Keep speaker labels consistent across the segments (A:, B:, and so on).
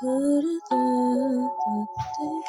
A: Da-da-da-da-da.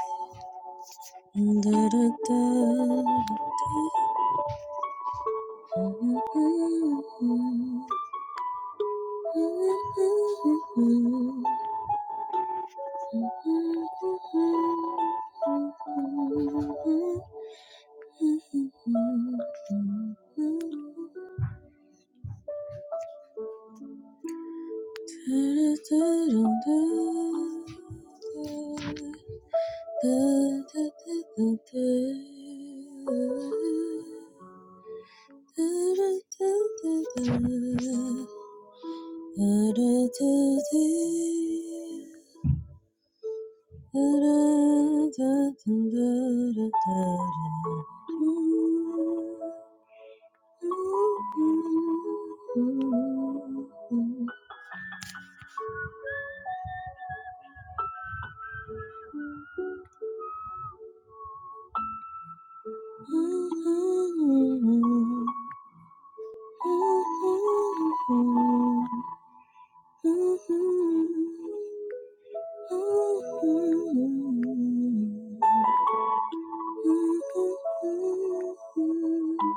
A: Mm-hmm.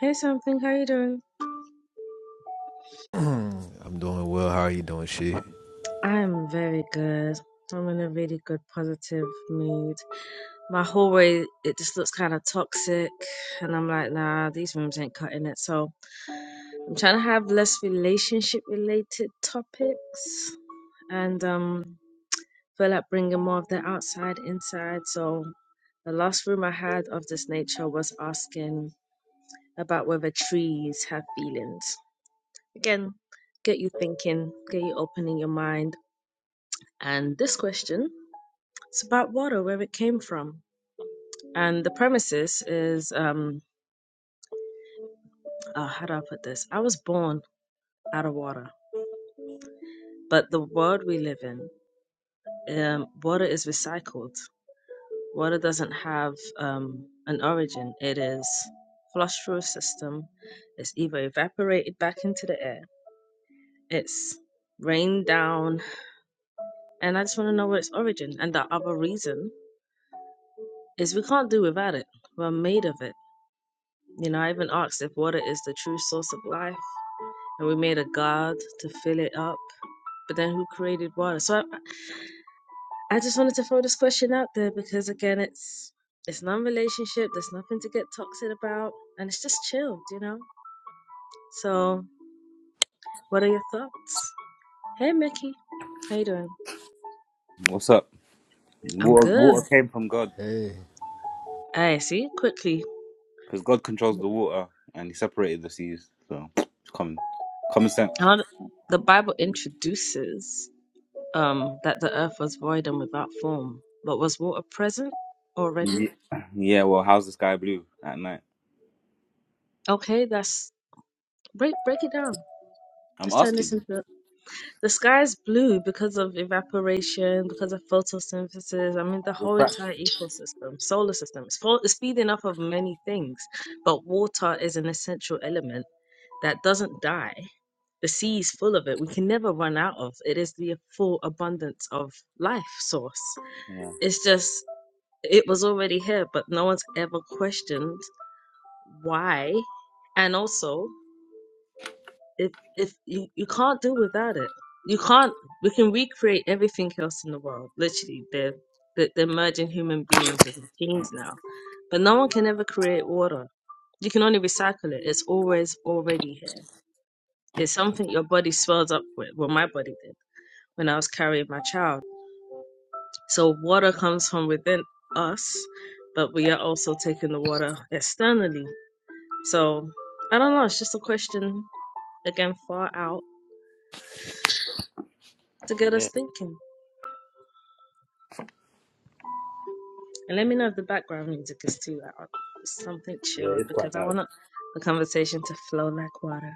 A: Hey, something. How you doing?
B: I'm doing well. How are you doing, shit?
A: I'm very good. I'm in a really good, positive mood. My hallway, it just looks kind of toxic. And I'm like, nah, these rooms ain't cutting it. So I'm trying to have less relationship related topics and um, feel like bringing more of the outside inside. So the last room I had of this nature was asking about whether trees have feelings. Again, get you thinking, get you opening your mind. And this question. It's about water, where it came from. And the premises is um, uh, how do I put this? I was born out of water, but the world we live in, um, water is recycled. Water doesn't have um, an origin, it is flushed through a system, it's either evaporated back into the air, it's rained down, and I just want to know what its origin. And the other reason is we can't do without it, we're made of it. You know, I even asked if water is the true source of life and we made a god to fill it up. But then who created water? So I, I just wanted to throw this question out there because again, it's it's non-relationship. There's nothing to get toxic about, and it's just chilled, you know. So what are your thoughts? Hey, Mickey, how you doing?
C: What's up?
A: I'm
C: Water,
A: good.
C: water came from God
B: Hey,
A: I see. Quickly,
C: because God controls the water and He separated the seas. So it's common, common sense.
A: how th- the Bible introduces um that the earth was void and without form, but was water present already?
C: Ye- Yeah. Well, how's the sky blue at night?
A: Okay, that's break break it down.
C: I'm
A: Let's turn this
C: asking. you.
A: into The sky is blue because of evaporation, because of photosynthesis. I mean, the whole
C: Refraction.
A: entire ecosystem, solar system, is full, is feeding off of many things. But water is an essential element that doesn't die. The sea is full of it. We can never run out of it. Is the full abundance of life source.
C: Yeah.
A: It's just it was already here, but no one's ever questioned why. And also, if if you, you can't do without it you can't we can recreate everything else in the world literally they're they're they're merging human beings with machines now but no one can ever create water you can only recycle it it's always already here it's something your body swells up with well my body did when i was carrying my child so water comes from within us but we are also taking the water externally so i don't know it's just a question again far out to get us
C: Yeah,
A: thinking And let me know if the background music is too loud. Something
C: yeah,
A: chilled
C: it's quite
A: because I
C: loud.
A: want the conversation to flow like water.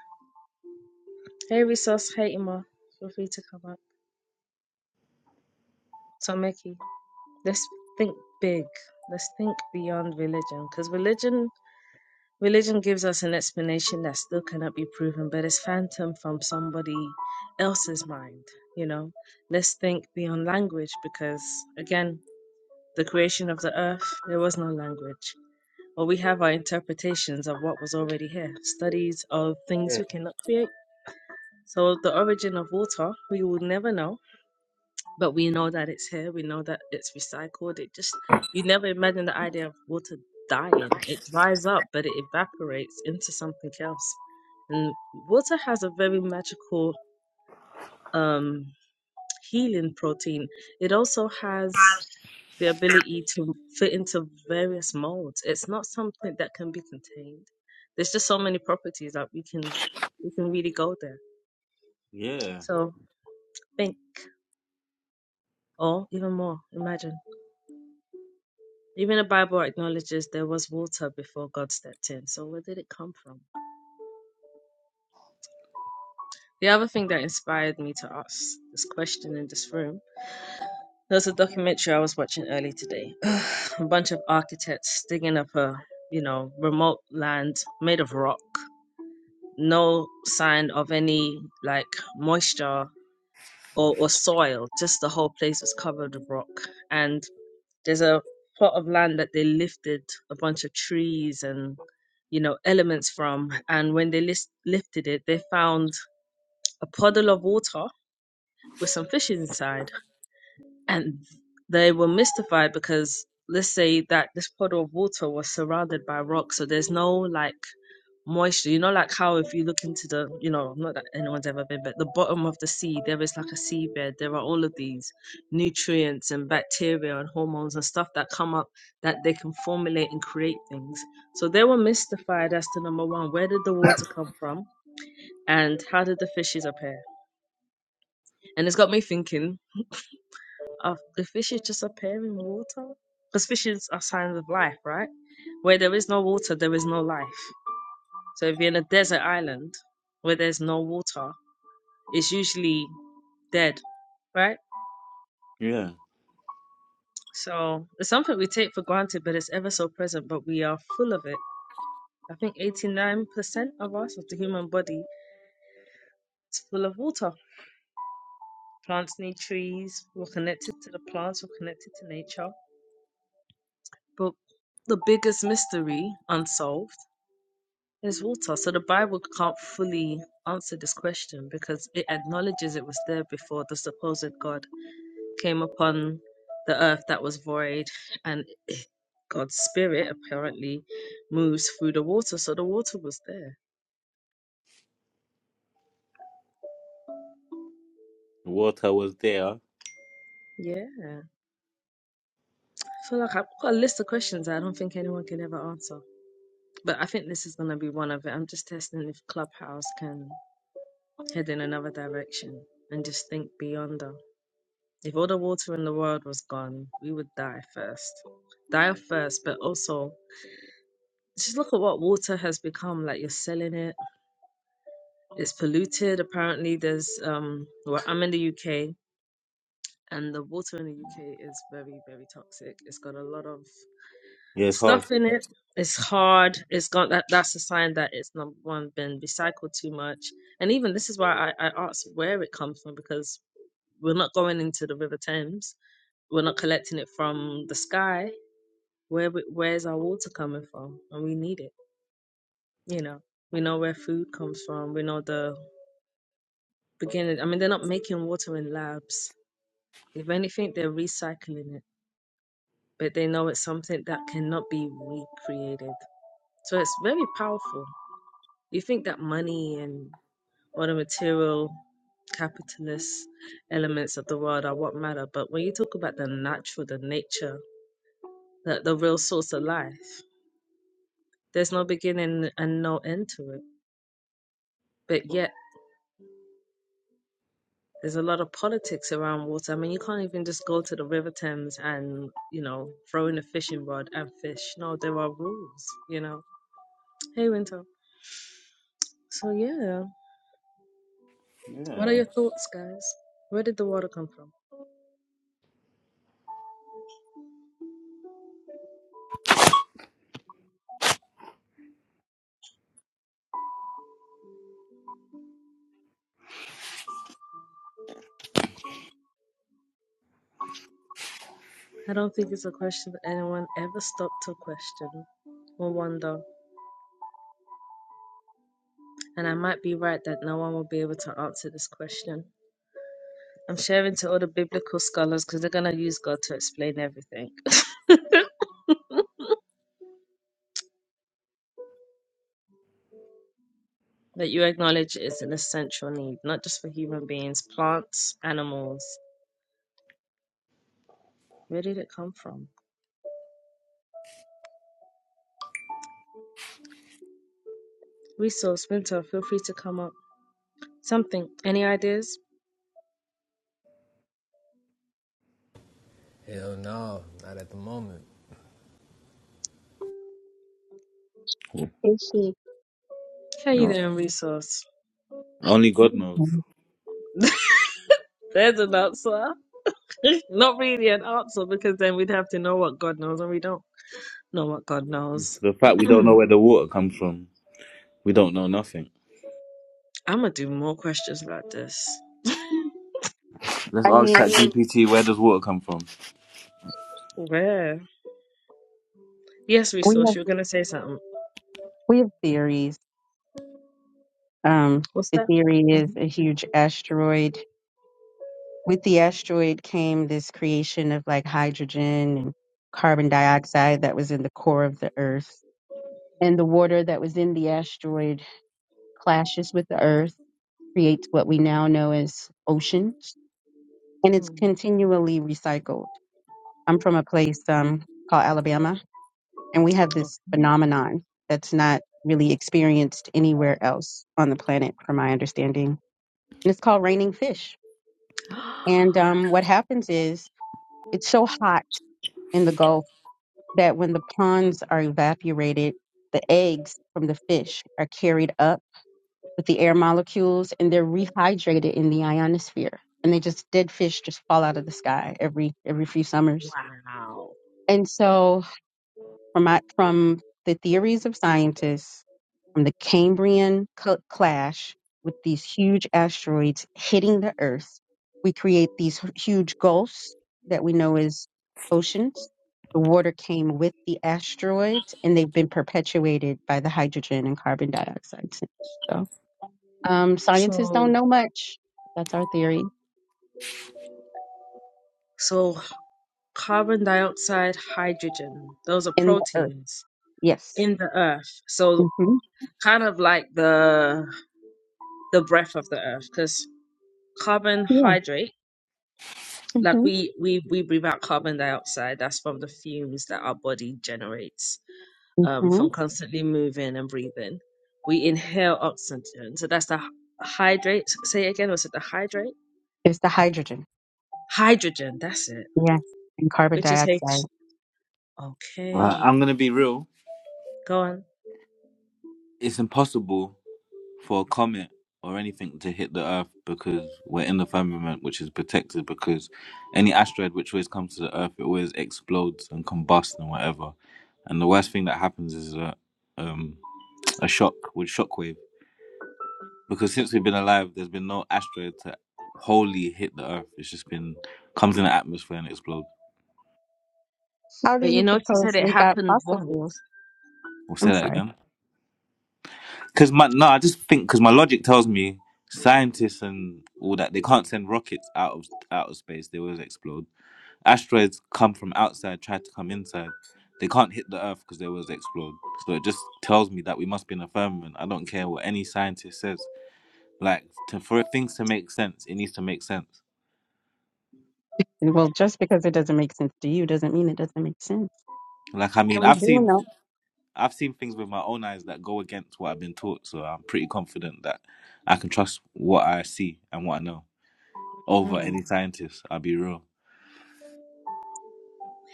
A: Hey, Resource. Hey, Emma. Feel free to come up. So, Mickey, let's think big. Let's think beyond religion because religion. Religion gives us an explanation that still cannot be proven, but it's phantom from somebody else's mind, you know? Let's think beyond language because, again, the creation of the earth, there was no language. or we have our interpretations of what was already here, studies of things we cannot create. So, the origin of water, we will never know, but we know that it's here, we know that it's recycled. It just, you never imagine the idea of water dying. It dries up, but it evaporates into something else. And water has a very magical um, healing protein. It also has the ability to fit into various molds. It's not something that can be contained. There's just so many properties that we can we can really go there.
C: Yeah,
A: So think or even more, imagine. Even the Bible acknowledges there was water before God stepped in. So where did it come from? The other thing that inspired me to ask this question in this room There's a documentary I was watching early today. a bunch of architects digging up a, you know, remote land made of rock. No sign of any like moisture or, or soil. Just the whole place was covered with rock. And there's a plot of land that they lifted a bunch of trees and you know elements from. And when they list, lifted it, they found a puddle of water with some fish inside and they were mystified because let's say that this puddle of water was surrounded by rocks so there's no like moisture you know like how if you look into the you know not that anyone's ever been but the bottom of the sea there is like a seabed there are all of these nutrients and bacteria and hormones and stuff that come up that they can formulate and create things so they were mystified as to number one where did the water come from and how did the fishes appear and it's got me thinking are the fishes just appear in water? Because fishes are signs of life, right? Where there is no water, there is no life. So if you're in a desert island where there's no water, it's usually dead, right?
C: yeah.
A: So it's something we take for granted, but it's ever so present, but we are full of it. I think 89% of us, of the human body, is full of water. Plants need trees, we're connected to the plants, we're connected to nature. But the biggest mystery unsolved There's water. So the Bible can't fully answer this question because it acknowledges it was there before the supposed God came upon the earth that was void and God's spirit apparently moves through the water. So the water was there.
C: The water was there.
A: Yeah. I feel like I've got a list of questions that I don't think anyone can ever answer. But I think this is going to be one of it. I'm just testing if Clubhouse can head in another direction and just think beyond us. If all the water in the world was gone, we would die first. Die first, but also just look at what water has become. Like you're selling it. It's polluted. Apparently, there's um. Well, I'm in the UK, and the water in the UK is very, very toxic. It's got a lot of
C: Yeah, it's
A: stuff
C: hard.
A: in it. It's hard. It's got that. That's a sign that it's number one been recycled too much. And even this is why I, I asked where it comes from because we're not going into the River Thames. We're not collecting it from the sky Where we, where's our water coming from? And we need it. You know, we know where food comes from. We know the beginning. I mean, they're not making water in labs. If anything, they're recycling it, but they know it's something that cannot be recreated. So it's very powerful. You think that money and all the material capitalist elements of the world are what matter, but when you talk about the natural, the nature, the, the real source of life, there's no beginning and no end to it. But yet There's a lot of politics around water. I mean, you can't even just go to the River Thames and, you know, throw in a fishing rod and fish. No, there are rules, you know. Hey, Winter. So, yeah. What are
C: Yeah.
A: your thoughts, guys? Where did the water come from? I don't think it's a question that anyone ever stopped to question or wonder. And I might be right that no one will be able to answer this question. I'm sharing to all the biblical scholars because they're going to use God to explain everything. that you acknowledge is an essential need, not just for human beings, plants, animals. Where did it come from? Resource, Winter, feel free to come up. Something. Any ideas?
B: hell no, not at the moment.
D: Is she?
A: How
C: No.
A: you doing, Resource?
C: Only God knows.
D: Mhm.
A: There's an answer. not really an answer because then we'd have to know what God knows and we don't know what God knows.
C: The fact we don't know
A: I'm
C: where the water comes from, we don't know nothing.
A: gonna do more questions like this.
C: Let's
D: I
C: ask
D: mean,
C: ChatGPT, where does water come from?
A: Where? Yes,
D: we
A: Resource,
D: have
A: you're gonna say something.
D: we have theories. Um,
A: What's
D: the
A: that?
D: theory is a huge asteroid. With the asteroid came this creation of like hydrogen and carbon dioxide that was in the core of the Earth, and the water that was in the asteroid clashes with the Earth, creates what we now know as oceans, and it's
A: hmm
D: continually recycled. I'm from a place um, called Alabama, And we have this
A: Okay.
D: phenomenon that's not really experienced anywhere else on the planet, from my understanding. And it's called raining fish. And um, what happens is it's so hot in the Gulf that when the ponds are evaporated, the eggs from the fish are carried up with the air molecules and they're rehydrated in the ionosphere. And they just dead fish just fall out of the sky every every few summers.
A: wow.
D: And so from my, from the theories of scientists, from the Cambrian cl- clash with these huge asteroids hitting the Earth, we create these h- huge gulfs that we know as oceans. The water came with the asteroids, and they've been perpetuated by the hydrogen and carbon dioxide. since. So um, scientists don't
A: So
D: know much. That's our theory
A: So carbon dioxide, hydrogen, those are
D: in the Earth.
A: proteins
D: Yes.
A: in the earth. So
D: hmm
A: kind of like the the breath of the earth, because
D: Yeah.
A: carbohydrate, like
D: hmm
A: we we we breathe out carbon dioxide. That's from the fumes that our body generates um,
D: hmm
A: from constantly moving and breathing. We inhale oxygen, so that's the hy- hydrate. Say it again, was it the hydrate?
D: It's the hydrogen.
A: Hydrogen, that's it.
D: Yes. And carbon
A: Which is
D: dioxide.
A: H.
C: Uh, I'm
A: Okay,
C: gonna be real.
A: go on.
C: It's impossible for a comet or anything to hit the Earth because we're in the firmament, which is protected because any asteroid which always comes to the Earth, it always explodes and combusts and whatever. And the worst thing that happens is a, um, a shock with shockwave because since we've been alive, there's been no asteroid to wholly hit the Earth. It's just been comes in the atmosphere and explodes.
D: How do
A: But you
D: you
A: notice that
D: propose
A: it
D: we got
A: happened
D: fossil
A: once.
D: fuels?
C: We'll
D: I'm
C: say that
D: sorry.
C: again. Because my no, I just think because my logic tells me scientists and all that they can't send rockets out of out of space. They always explode asteroids come from outside, try to come inside. They can't hit the Earth because they was explored. So it just tells me that we must be in a firmament. I don't care what any scientist says. Like to, for things to make sense, it needs to make sense.
D: Well, just because it doesn't make sense to you doesn't mean it doesn't make sense.
C: Like I
D: And
C: mean,
D: we
C: I've
D: do
C: seen
D: know.
C: I've seen things with my own eyes that go against what I've been taught. So I'm pretty confident that I can trust what I see and what I know over
A: Hmm.
C: any scientist. I'll be real.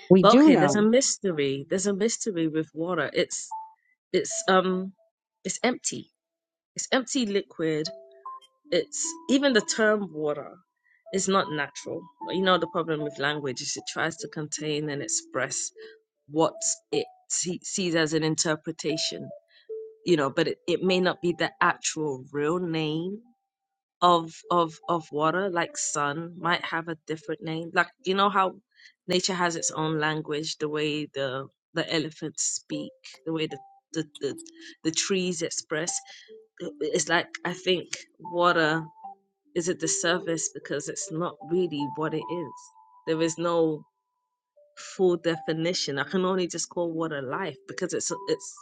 D: We
A: But
D: do
A: okay, there's a
D: know.
A: mystery. There's a mystery with water. It's it's um it's empty. It's empty liquid. It's even the term water is not natural. You know the problem with language is it tries to contain and express what it see, sees as an interpretation. You know, but it, it may not be the actual real name of of of water like sun might have a different name like you know how nature has its own language the way the the elephants speak the way the the the, the trees express it's like i think water is at the surface because it's not really what it is there is no full definition i can only just call water life because it's it's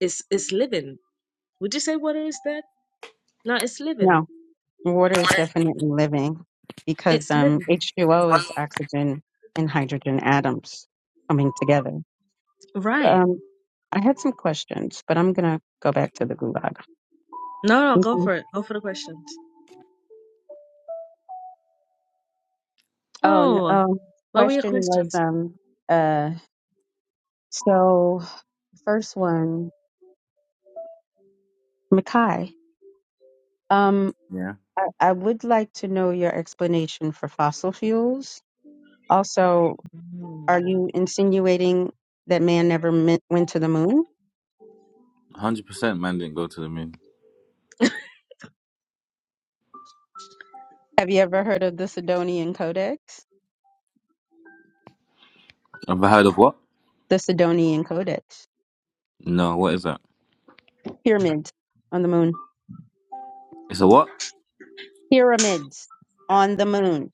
A: it's it's living would you say water is that no it's living
D: No, water is definitely living because
A: it's
D: um,
A: living
D: H2O is oxygen and hydrogen atoms coming together.
A: right
D: Um, I had some questions, but I'm gonna go back to the gulag.
A: No, no,
D: Thank
A: go
D: you.
A: for it. Go for the questions.
D: Oh, no,
A: Oh,
D: oh,
A: what were your
D: question was
A: questions?
D: um uh so first one, Makai.
C: Yeah,
D: I, I would like to know your explanation for fossil fuels. Also, are you insinuating that man never me- went to the moon?
C: hundred percent. Man didn't go to the moon.
D: Have you ever heard of the Sidonian Codex?
C: Have I heard of what?
D: The Sidonian Codex.
C: No, what is that?
D: Pyramids on the moon.
C: It's a what?
D: Pyramids on the moon.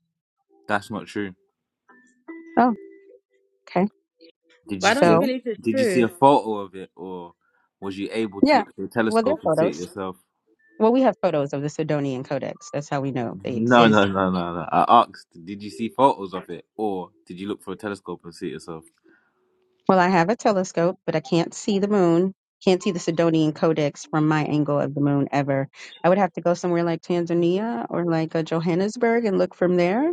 C: That's not true.
D: Oh, okay.
C: Did you
A: Why don't
C: see
A: you
C: a
D: So,
A: believe it's
C: Did you see
A: true?
C: a photo of it, or was you able to
D: yeah.
C: look through a
D: Well, there
C: telescope and
D: are
C: see it
D: photos.
C: yourself?
D: Well, we have photos of the Sidonian Codex. That's how we know they
C: No,
D: exist.
C: no, no, no, no. I asked, did you see photos of it, or did you look through a telescope and see it yourself?
D: Well, I have a telescope, but I can't see the moon. Can't see the Sidonian Codex from my angle of the moon ever. I would have to go somewhere like Tanzania or like uh Johannesburg and look from there.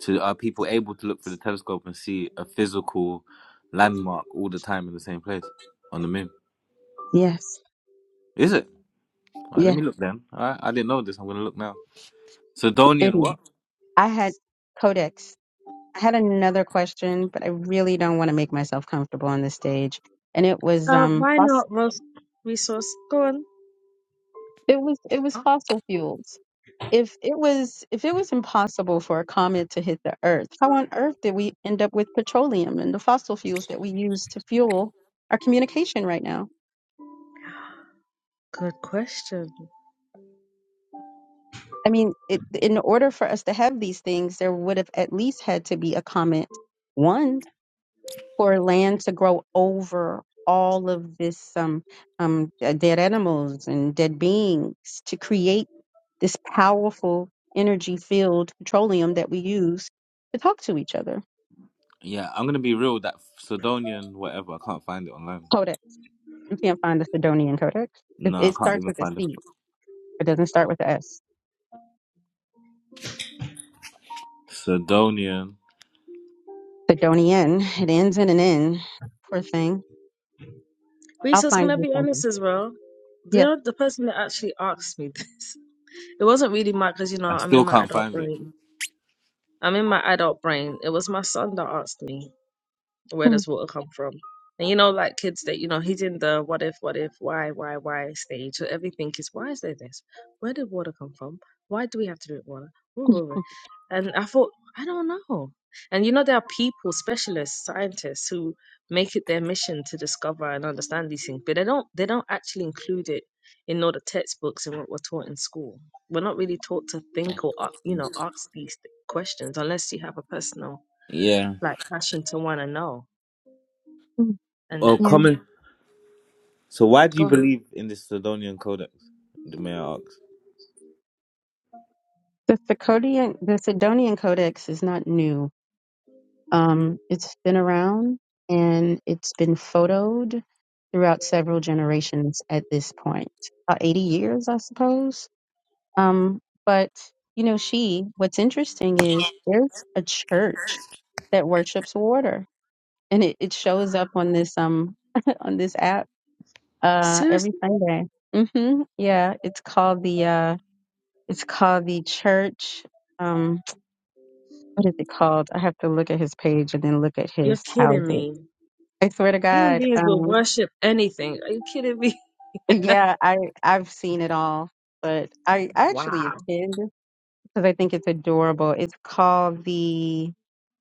C: So are people able to look through the telescope and see a physical landmark all the time in the same place on the moon?
D: Yes.
C: Is it? All right, let
D: Yeah.
C: me look then. All right, I didn't know this. I'm gonna look now.
D: it
C: Sidonian
D: is.
C: what?
D: I had Codex. I had another question, but I really don't want to make myself comfortable on this stage. And it was
A: Uh,
D: um
A: why
D: fos-
A: not, Ross? Resource, go on.
D: it was it was
A: Oh,
D: fossil fuels. if it was if it was impossible for a comet to hit the earth how on earth did we end up with petroleum and the fossil fuels that we use to fuel our communication right now
A: good question.
D: i mean it, in order for us to have these things there would have at least had to be a comet one for land to grow over all of this um, um, uh, dead animals and dead beings to create this powerful energy filled petroleum that we use to talk to each other
C: Yeah, I'm gonna be real. That Sidonian whatever. I can't find it online.
D: You can't find the Sidonian Codex. It,
C: No, I
D: it
C: can't
D: starts
C: even
D: with a
C: find it.
D: C. It doesn't start with a S.
C: Sidonian.
D: Sidonian. It ends in an N. Poor thing. I'll
A: Resource, can
D: find
A: I
D: you
A: be honest
D: something.
A: as well?
D: Yes.
A: You're the person that actually asked me this. It wasn't really my, because you know,
C: I
A: I'm in
C: still
A: my
C: can't
A: adult
C: find it.
A: brain. I'm in my adult brain. It was my son that asked me. Where
D: Hmm,
A: does water come from? And you know, like kids that, you know, he's in the what if, what if, why, why, why stage. So everything is, why is there this? Where did water come from? Why do we have to drink water? Woo, woo, woo. And I thought, I don't know. And you know, there are people, specialists, scientists who make it their mission to discover and understand these things, but they don't they don't actually include it in all the textbooks and what we're taught in school. We're not really taught to think or, a- you know, ask these questions unless you have a personal
C: Yeah.
A: like passion to want to know
D: hmm,
C: Or
A: and
D: Yeah.
C: common. So why do you
A: going,
C: believe in this Sidonian Codex? The mayor asks.
D: The Sidonian the Sidonian Codex is not new. Um, it's been around and it's been photoed throughout several generations at this point. About 80 years, I suppose. Um, but you know, she, what's interesting is there's a church that worships water and it, it shows up on this um on this app uh every
A: seriously?
D: Sunday. hmm Yeah, it's called the uh it's called the church. Um, what is it called? I have to look at his page and then look at
A: You're
D: his
A: kidding
D: houses.
A: me.
D: I swear to
A: Human
D: God.
A: beings will
D: Um,
A: worship anything. Are you kidding me?
D: yeah, I I've seen it all, but I, I actually
A: Wow.
D: attend because I think it's adorable. It's called the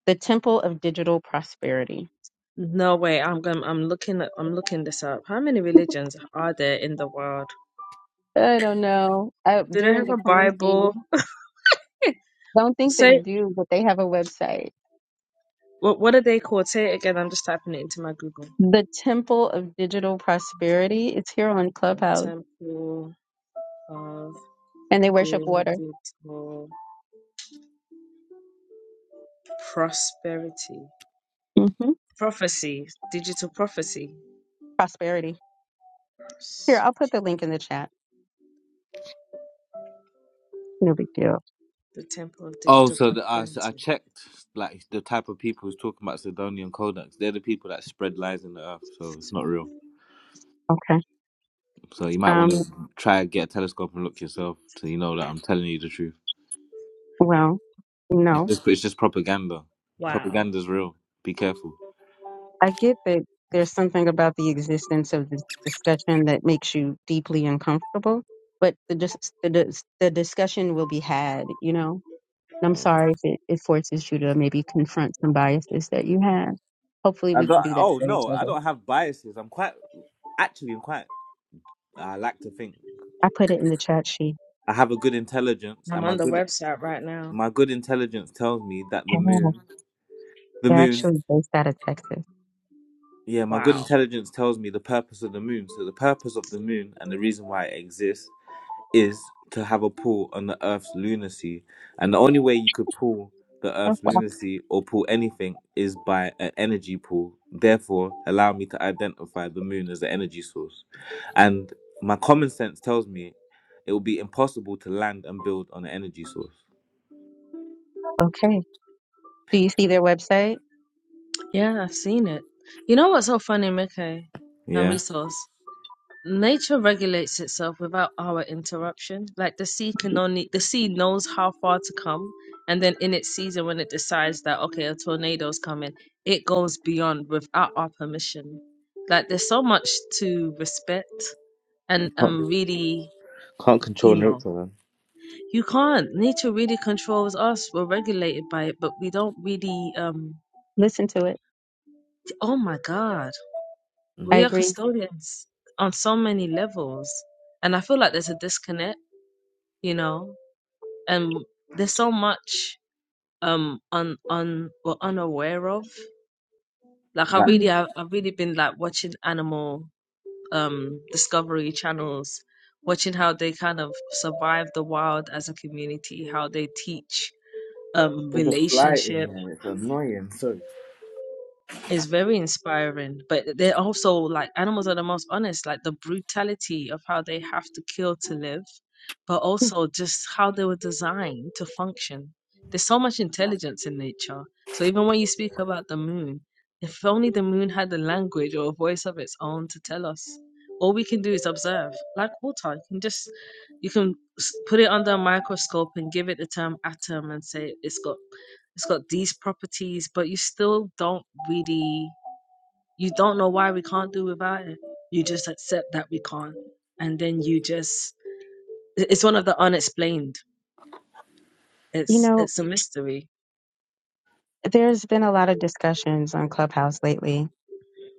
D: the Temple of Digital Prosperity.
A: No way. I'm going I'm looking at- I'm looking this up. How many religions are there in the world?
D: I don't know. I,
A: Do they
D: during
A: have
D: the
A: a Bible?
D: quarantine. Don't think they
A: Say
D: do, but they have a website.
A: what what are they called? Say it again. I'm just typing it into my Google.
D: The Temple of Digital Prosperity. It's here on
A: The
D: Clubhouse,
A: Temple of
D: and they worship water.
A: Digital Prosperity.
D: hmm
A: Prophecy. Digital prophecy.
D: Prosperity. Here, I'll put the link in the chat. No big deal.
A: The Temple of
C: Oh,
A: Digital
C: so the, I I
A: Prosperity.
C: checked like the type of people who's talking about Sidonian Codex. They're the people that spread lies in the earth, so it's not real.
D: Okay.
C: So you might want to
D: Um.
C: try and get a telescope and look yourself, so you know that I'm telling you the truth.
D: Well,
C: It's
D: no,
C: just it's just propaganda.
A: Wow.
C: Propaganda's real. Be careful.
D: I get that there's something about the existence of this discussion that makes you deeply uncomfortable, but the dis- the dis- the discussion will be had. You know, and I'm sorry if it, it forces you to maybe confront some biases that you have. Hopefully,
C: I
D: we can
C: don't.
D: do that
C: Oh
D: for each
C: no, I
D: other.
C: don't have biases. I'm quite. Actually, I'm quite. I like to think.
D: I put it in the chat sheet.
C: I have a good intelligence,
A: I'm
C: and my
A: on the
C: good
A: website right now.
C: my good intelligence tells me that the
D: Yeah,
C: moon, the
D: they're
C: moon,
D: actually based out of Texas.
C: yeah, my good
A: Wow.
C: intelligence tells me the purpose of the moon. So the purpose of the moon and the reason why it exists is to have a pull on the Earth's lunacy, and the only way you could pull the
D: Oh,
C: Earth's
D: wow.
C: lunacy or pull anything is by an energy pull. Therefore, allow me to identify the moon as the energy source, and my common sense tells me it will be impossible to land and build on an energy source.
D: Okay. Do you see their website?
A: Yeah, I've seen it. You know what's so funny, Mickey and
C: Yeah.
A: Resource? Nature regulates itself without our interruption. Like the sea can only the sea knows how far to come, and then in its season, when it decides that okay, a tornado's coming, it goes beyond without our permission. Like there's so much to respect, and and really,
C: Can't control
A: you know,
C: nature, man.
A: you can't. Nature really controls us. We're regulated by it, but we don't really um
D: Listen to it.
A: Oh my God.
D: I
A: We
C: Mm.
A: are
D: agree.
A: custodians on so many levels. And I feel like there's a disconnect, you know, and there's so much um un un we're unaware of. Like I
C: Like
A: really
D: Mm.
A: I've, I've really been like watching animal um discovery channels, watching how they kind of survive the wild as a community, how they teach um
C: there's a fly in
A: relationship.
C: here. It's annoying. Sorry.
A: It's very inspiring, but they're also like animals are the most honest, like the brutality of how they have to kill to live, but also just how they were designed to function. There's so much intelligence in nature. So even when you speak about the moon, if only the moon had a language or a voice of its own to tell us. All we can do is observe. Like water, you can just you can s- put it under a microscope and give it the term atom and say it's got it's got these properties, but you still don't really, you don't know why we can't do without it. You just accept that we can't, and then you just, it's one of the unexplained.
D: You
A: It's
D: know,
A: it's a mystery,
D: there's been a lot of discussions on Clubhouse lately,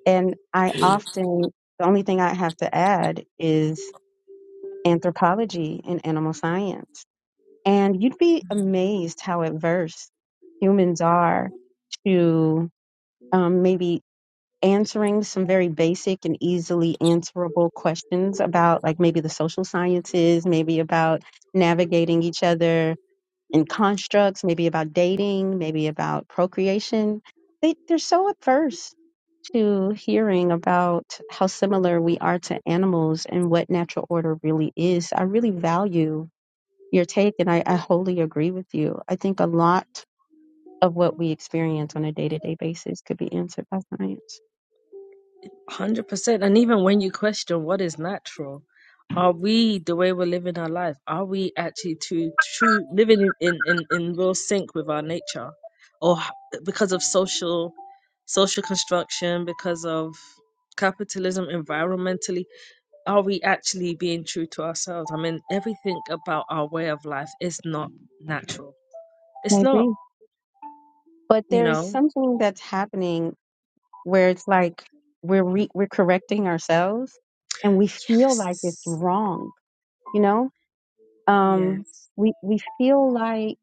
D: and I often, the only thing I have to add is anthropology and animal science. And you'd be amazed how averse humans are to um, maybe answering some very basic and easily answerable questions about, like, maybe the social sciences, maybe about navigating each other in constructs, maybe about dating, maybe about procreation. They, they're so averse to hearing about how similar we are to animals and what natural order really is. I really value your take, and I, I wholly agree with you. I think a lot of what we experience on a day to day basis could be answered by science.
A: one hundred percent. And even when you question what is natural, are we the way we're living our life? Are we actually to true living in in in, in real sync with our nature, or h- because of social social construction, because of capitalism, environmentally Are we actually being true to ourselves? I mean, everything about our way of life is not natural. It's
D: I
A: not,
D: agree. But
A: you
D: there's
A: know?
D: something that's happening where it's like we're re- we're correcting ourselves, and we feel like it's
A: Yes.
D: wrong. You know, um,
A: Yes.
D: we we feel like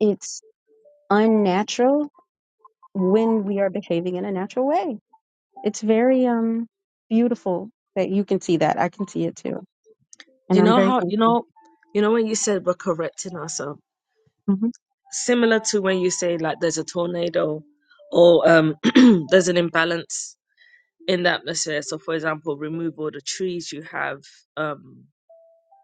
D: it's unnatural when we are behaving in a natural way. It's very um beautiful that you can see that. I can see it too, and
A: You
D: I'm
A: know
D: very
A: how, you
D: thankful.
A: know, you know when you said we're correcting ourselves, similar to when you say like there's a tornado or um there's an imbalance in the atmosphere. So for example, remove all the trees you have, um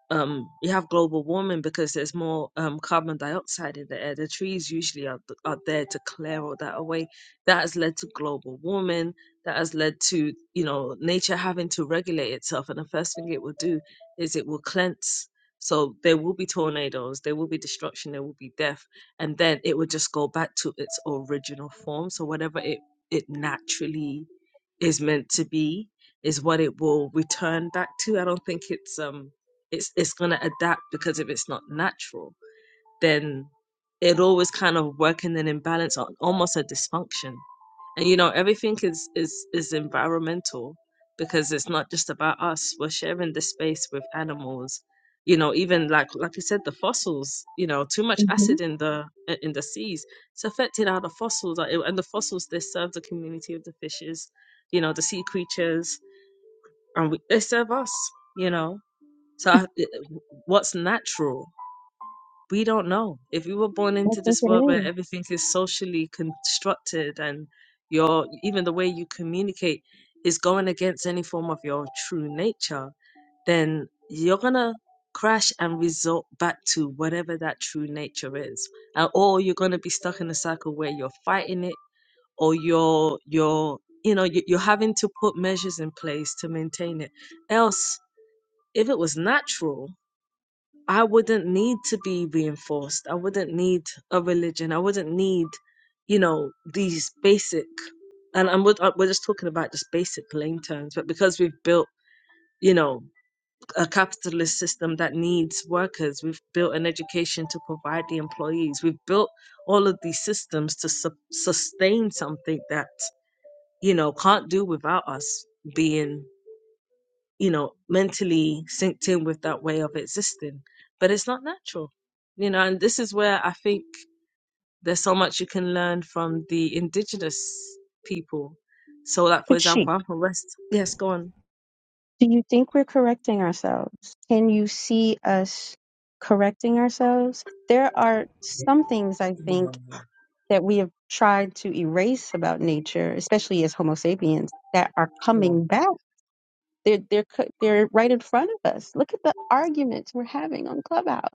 A: um, you have global warming because there's more um, carbon dioxide in the air. The trees usually are, th- are there to clear all that away. That has led to global warming. That has led to, you know, nature having to regulate itself. And the first thing it will do is it will cleanse. So there will be tornadoes, there will be destruction, there will be death, and then it will just go back to its original form. So whatever it, it naturally is meant to be is what it will return back to. I don't think it's um it's it's gonna adapt because if it's not natural, then it always kind of work in an imbalance or almost a dysfunction. And you know, everything is is is environmental because it's not just about us. We're sharing the space with animals. You know, even like like you said, the fossils. You know, too much
D: hmm
A: acid in the in the seas. It's affected how the fossils are, and the fossils they serve the community of the fishes. You know, the sea creatures, and we, they serve us. You know, so, I, what's natural? We don't know. If you were born
D: I
A: into
D: think
A: this
D: it
A: world where
D: is.
A: everything is socially constructed and your even the way you communicate is going against any form of your true nature, then you're gonna crash and resort back to whatever that true nature is, And or you're gonna be stuck in a cycle where you're fighting it, or you're you're you know you- you're having to put measures in place to maintain it. Else, if it was natural, I wouldn't need to be reinforced. I wouldn't need a religion. I wouldn't need, you know, these basic, and I'm, we're we're just talking about just basic lane terms, but because we've built, you know, a capitalist system that needs workers, we've built an education to provide the employees, we've built all of these systems to su- sustain something that, you know, can't do without us being you know, mentally synced in with that way of existing. But it's not natural, you know, and this is where I think there's so much you can learn from the indigenous people. So, like, for
D: But she,
A: example, I'm from West. Yes, go on.
D: do you think we're correcting ourselves? Can you see us correcting ourselves? There are some things I think
A: Yeah,
D: that we have tried to erase about nature, especially as Homo sapiens, that are
A: yeah.
D: coming back. They're they're co- they're right in front of us. Look at the arguments we're having on Clubhouse.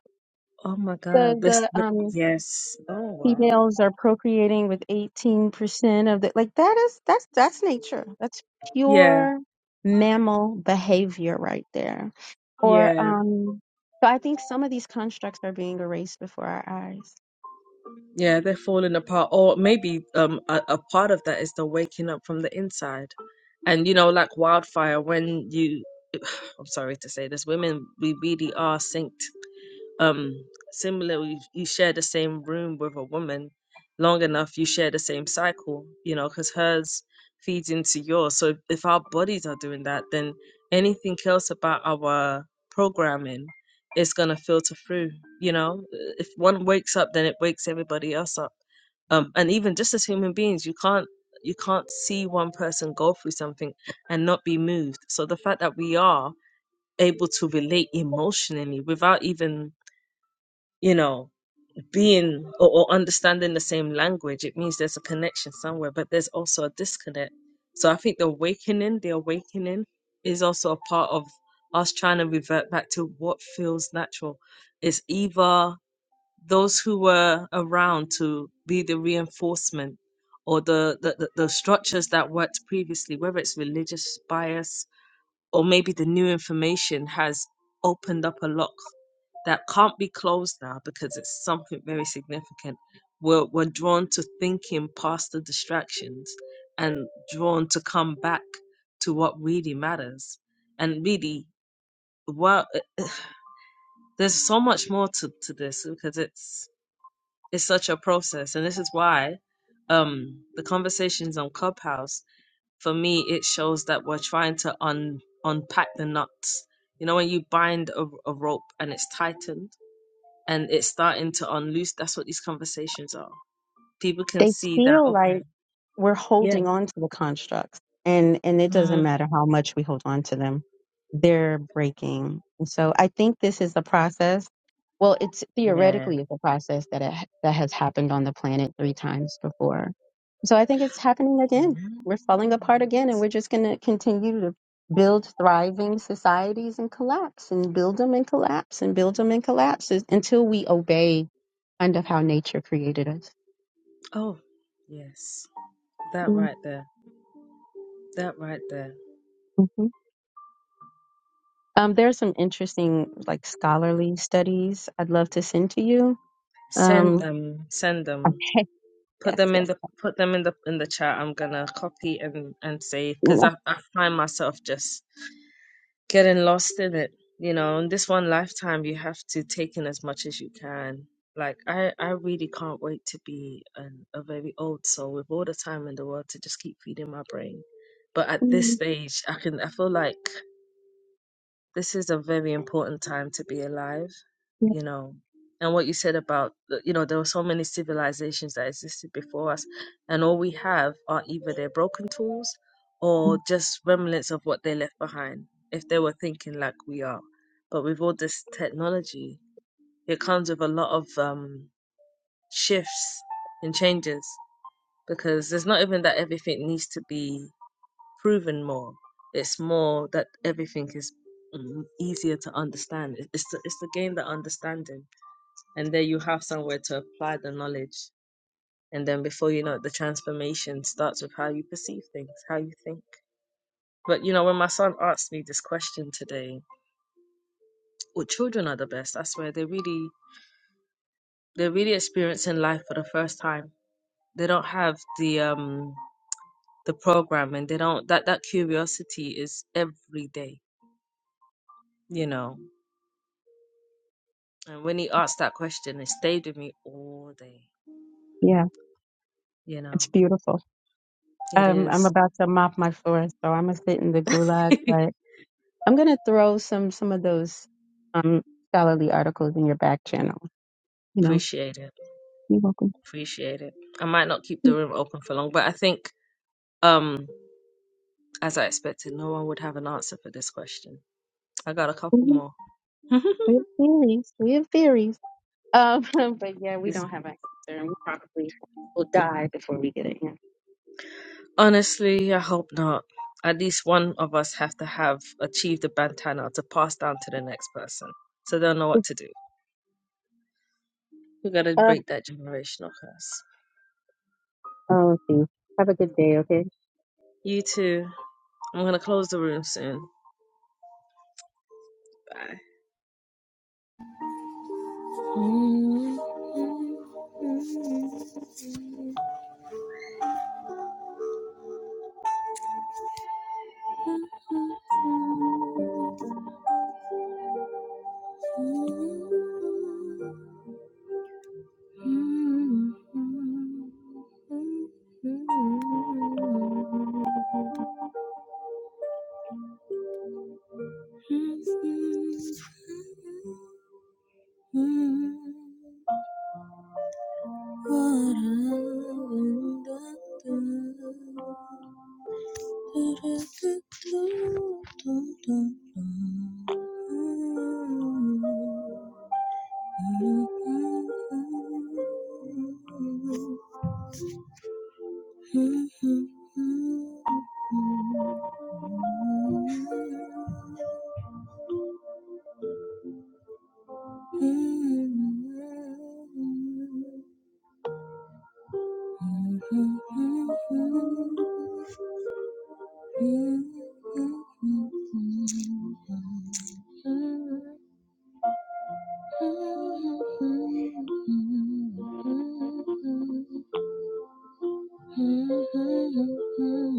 A: Oh my God.
D: The
A: This,
D: the um
A: yes. Oh, wow.
D: Females are procreating with 18% of the, like that is, that's, that's nature. That's
A: Yeah,
D: pure mammal behavior right there. Or,
A: yeah,
D: um, so I think some of these constructs are being erased before our eyes.
A: yeah. They're falling apart. Or maybe um, a, a part of that is the waking up from the inside. And, you know, like wildfire, when you I'm sorry to say this, women we really are synced. Um, similarly, you share the same room with a woman long enough, you share the same cycle, you know, because hers feeds into yours. So if, if our bodies are doing that, then anything else about our programming is gonna filter through. You know, if one wakes up, then it wakes everybody else up. Um, and even just as human beings, you can't you can't see one person go through something and not be moved. So the fact that we are able to relate emotionally without even you know being or, or understanding the same language it means there's a connection somewhere but there's also a disconnect so i think the awakening the awakening is also a part of us trying to revert back to what feels natural it's either those who were around to be the reinforcement or the the, the, the structures that worked previously whether it's religious bias or maybe the new information has opened up a lock that can't be closed now because it's something very significant. We're, we're drawn to thinking past the distractions and drawn to come back to what really matters. And really, well, eh, there's so much more to, to this because it's it's such a process, and this is why um, the conversations on Clubhouse for me it shows that we're trying to un unpack the knots you know when you bind a, a rope and it's tightened and it's starting to unloose that's what these conversations are people can
D: They
A: see that
D: feel like
A: okay
D: we're
A: yeah
D: holding on to the constructs and and it doesn't
A: mm,
D: matter how much we hold on to them they're breaking and so i think this is a process well it's
A: yeah
D: theoretically it's a process that it, that has happened on the planet three times before so i think it's happening again
A: yeah.
D: we're falling apart again and we're just going to continue to build thriving societies and collapse and build them and collapse and build them and collapse is- until we obey kind of how nature created us
A: oh yes that right
D: Mm-hmm.
A: there that right there
D: Um, there are some interesting, like, scholarly studies I'd love to send to you.
A: send
D: Um,
A: them send them
D: okay.
A: put
D: Yes,
A: them in
D: yes.
A: the put them in the in the chat i'm gonna copy and and save because I, I find myself just getting lost in it you know in this one lifetime you have to take in as much as you can like i i really can't wait to be an, a very old soul with all the time in the world to just keep feeding my brain but at this
D: Mm,
A: stage i can i feel like this is a very important time to be alive, you know. And what you said about, you know, there were so many civilizations that existed before us, and all we have are either their broken tools or just remnants of what they left behind, if they were thinking like we are. But with all this technology, it comes with a lot of um, shifts and changes because there's not even that everything needs to be proven more. It's more that everything is mm, easier to understand. It- It's the, it's the game that understanding, and there you have somewhere to apply the knowledge. And then before you know it, the transformation starts with how you perceive things, how you think. But you know, when my son asked me this question today, well, children are the best. I swear, they really they're really experiencing life for the first time. They don't have the um the program, and they don't that that curiosity is every day. You know, And when he asked that question, it stayed with me all day.
D: Yeah,
A: You know,
D: it's beautiful.
A: it
D: Um, I'm
A: is.
D: about to mop my floor, so I'm gonna sit in the gulag, but I'm gonna throw some some of those um scholarly articles in your back channel. You know,
A: Appreciate it.
D: you're welcome.
A: Appreciate it. I might not keep the room open for long, but I think, um, as I expected, no one would have an answer for this question. I got a couple
D: Mhm.
A: more.
D: We have theories. We have theories. Um, but yeah, we
A: Is-
D: don't have an answer, and we probably will die before we get it in.
A: Honestly, I hope not. At least one of us have to have achieved the bandana to pass down to the next person, so they'll know what to do. We gotta break that generational curse.
D: Oh, geez. Have a good day, okay?
A: You too. I'm gonna close the room soon. Bye. Mm-hmm.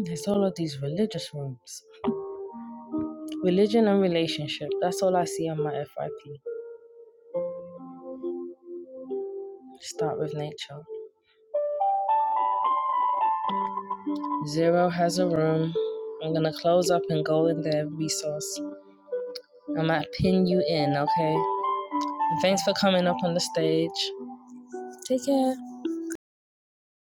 A: There's all of these religious rooms. Religion and relationship. That's all I see on my FYP. Start with nature. Zero has a room. I'm gonna close up and go in the resource. i might pin you in, okay? And thanks for coming up on the stage. Take care.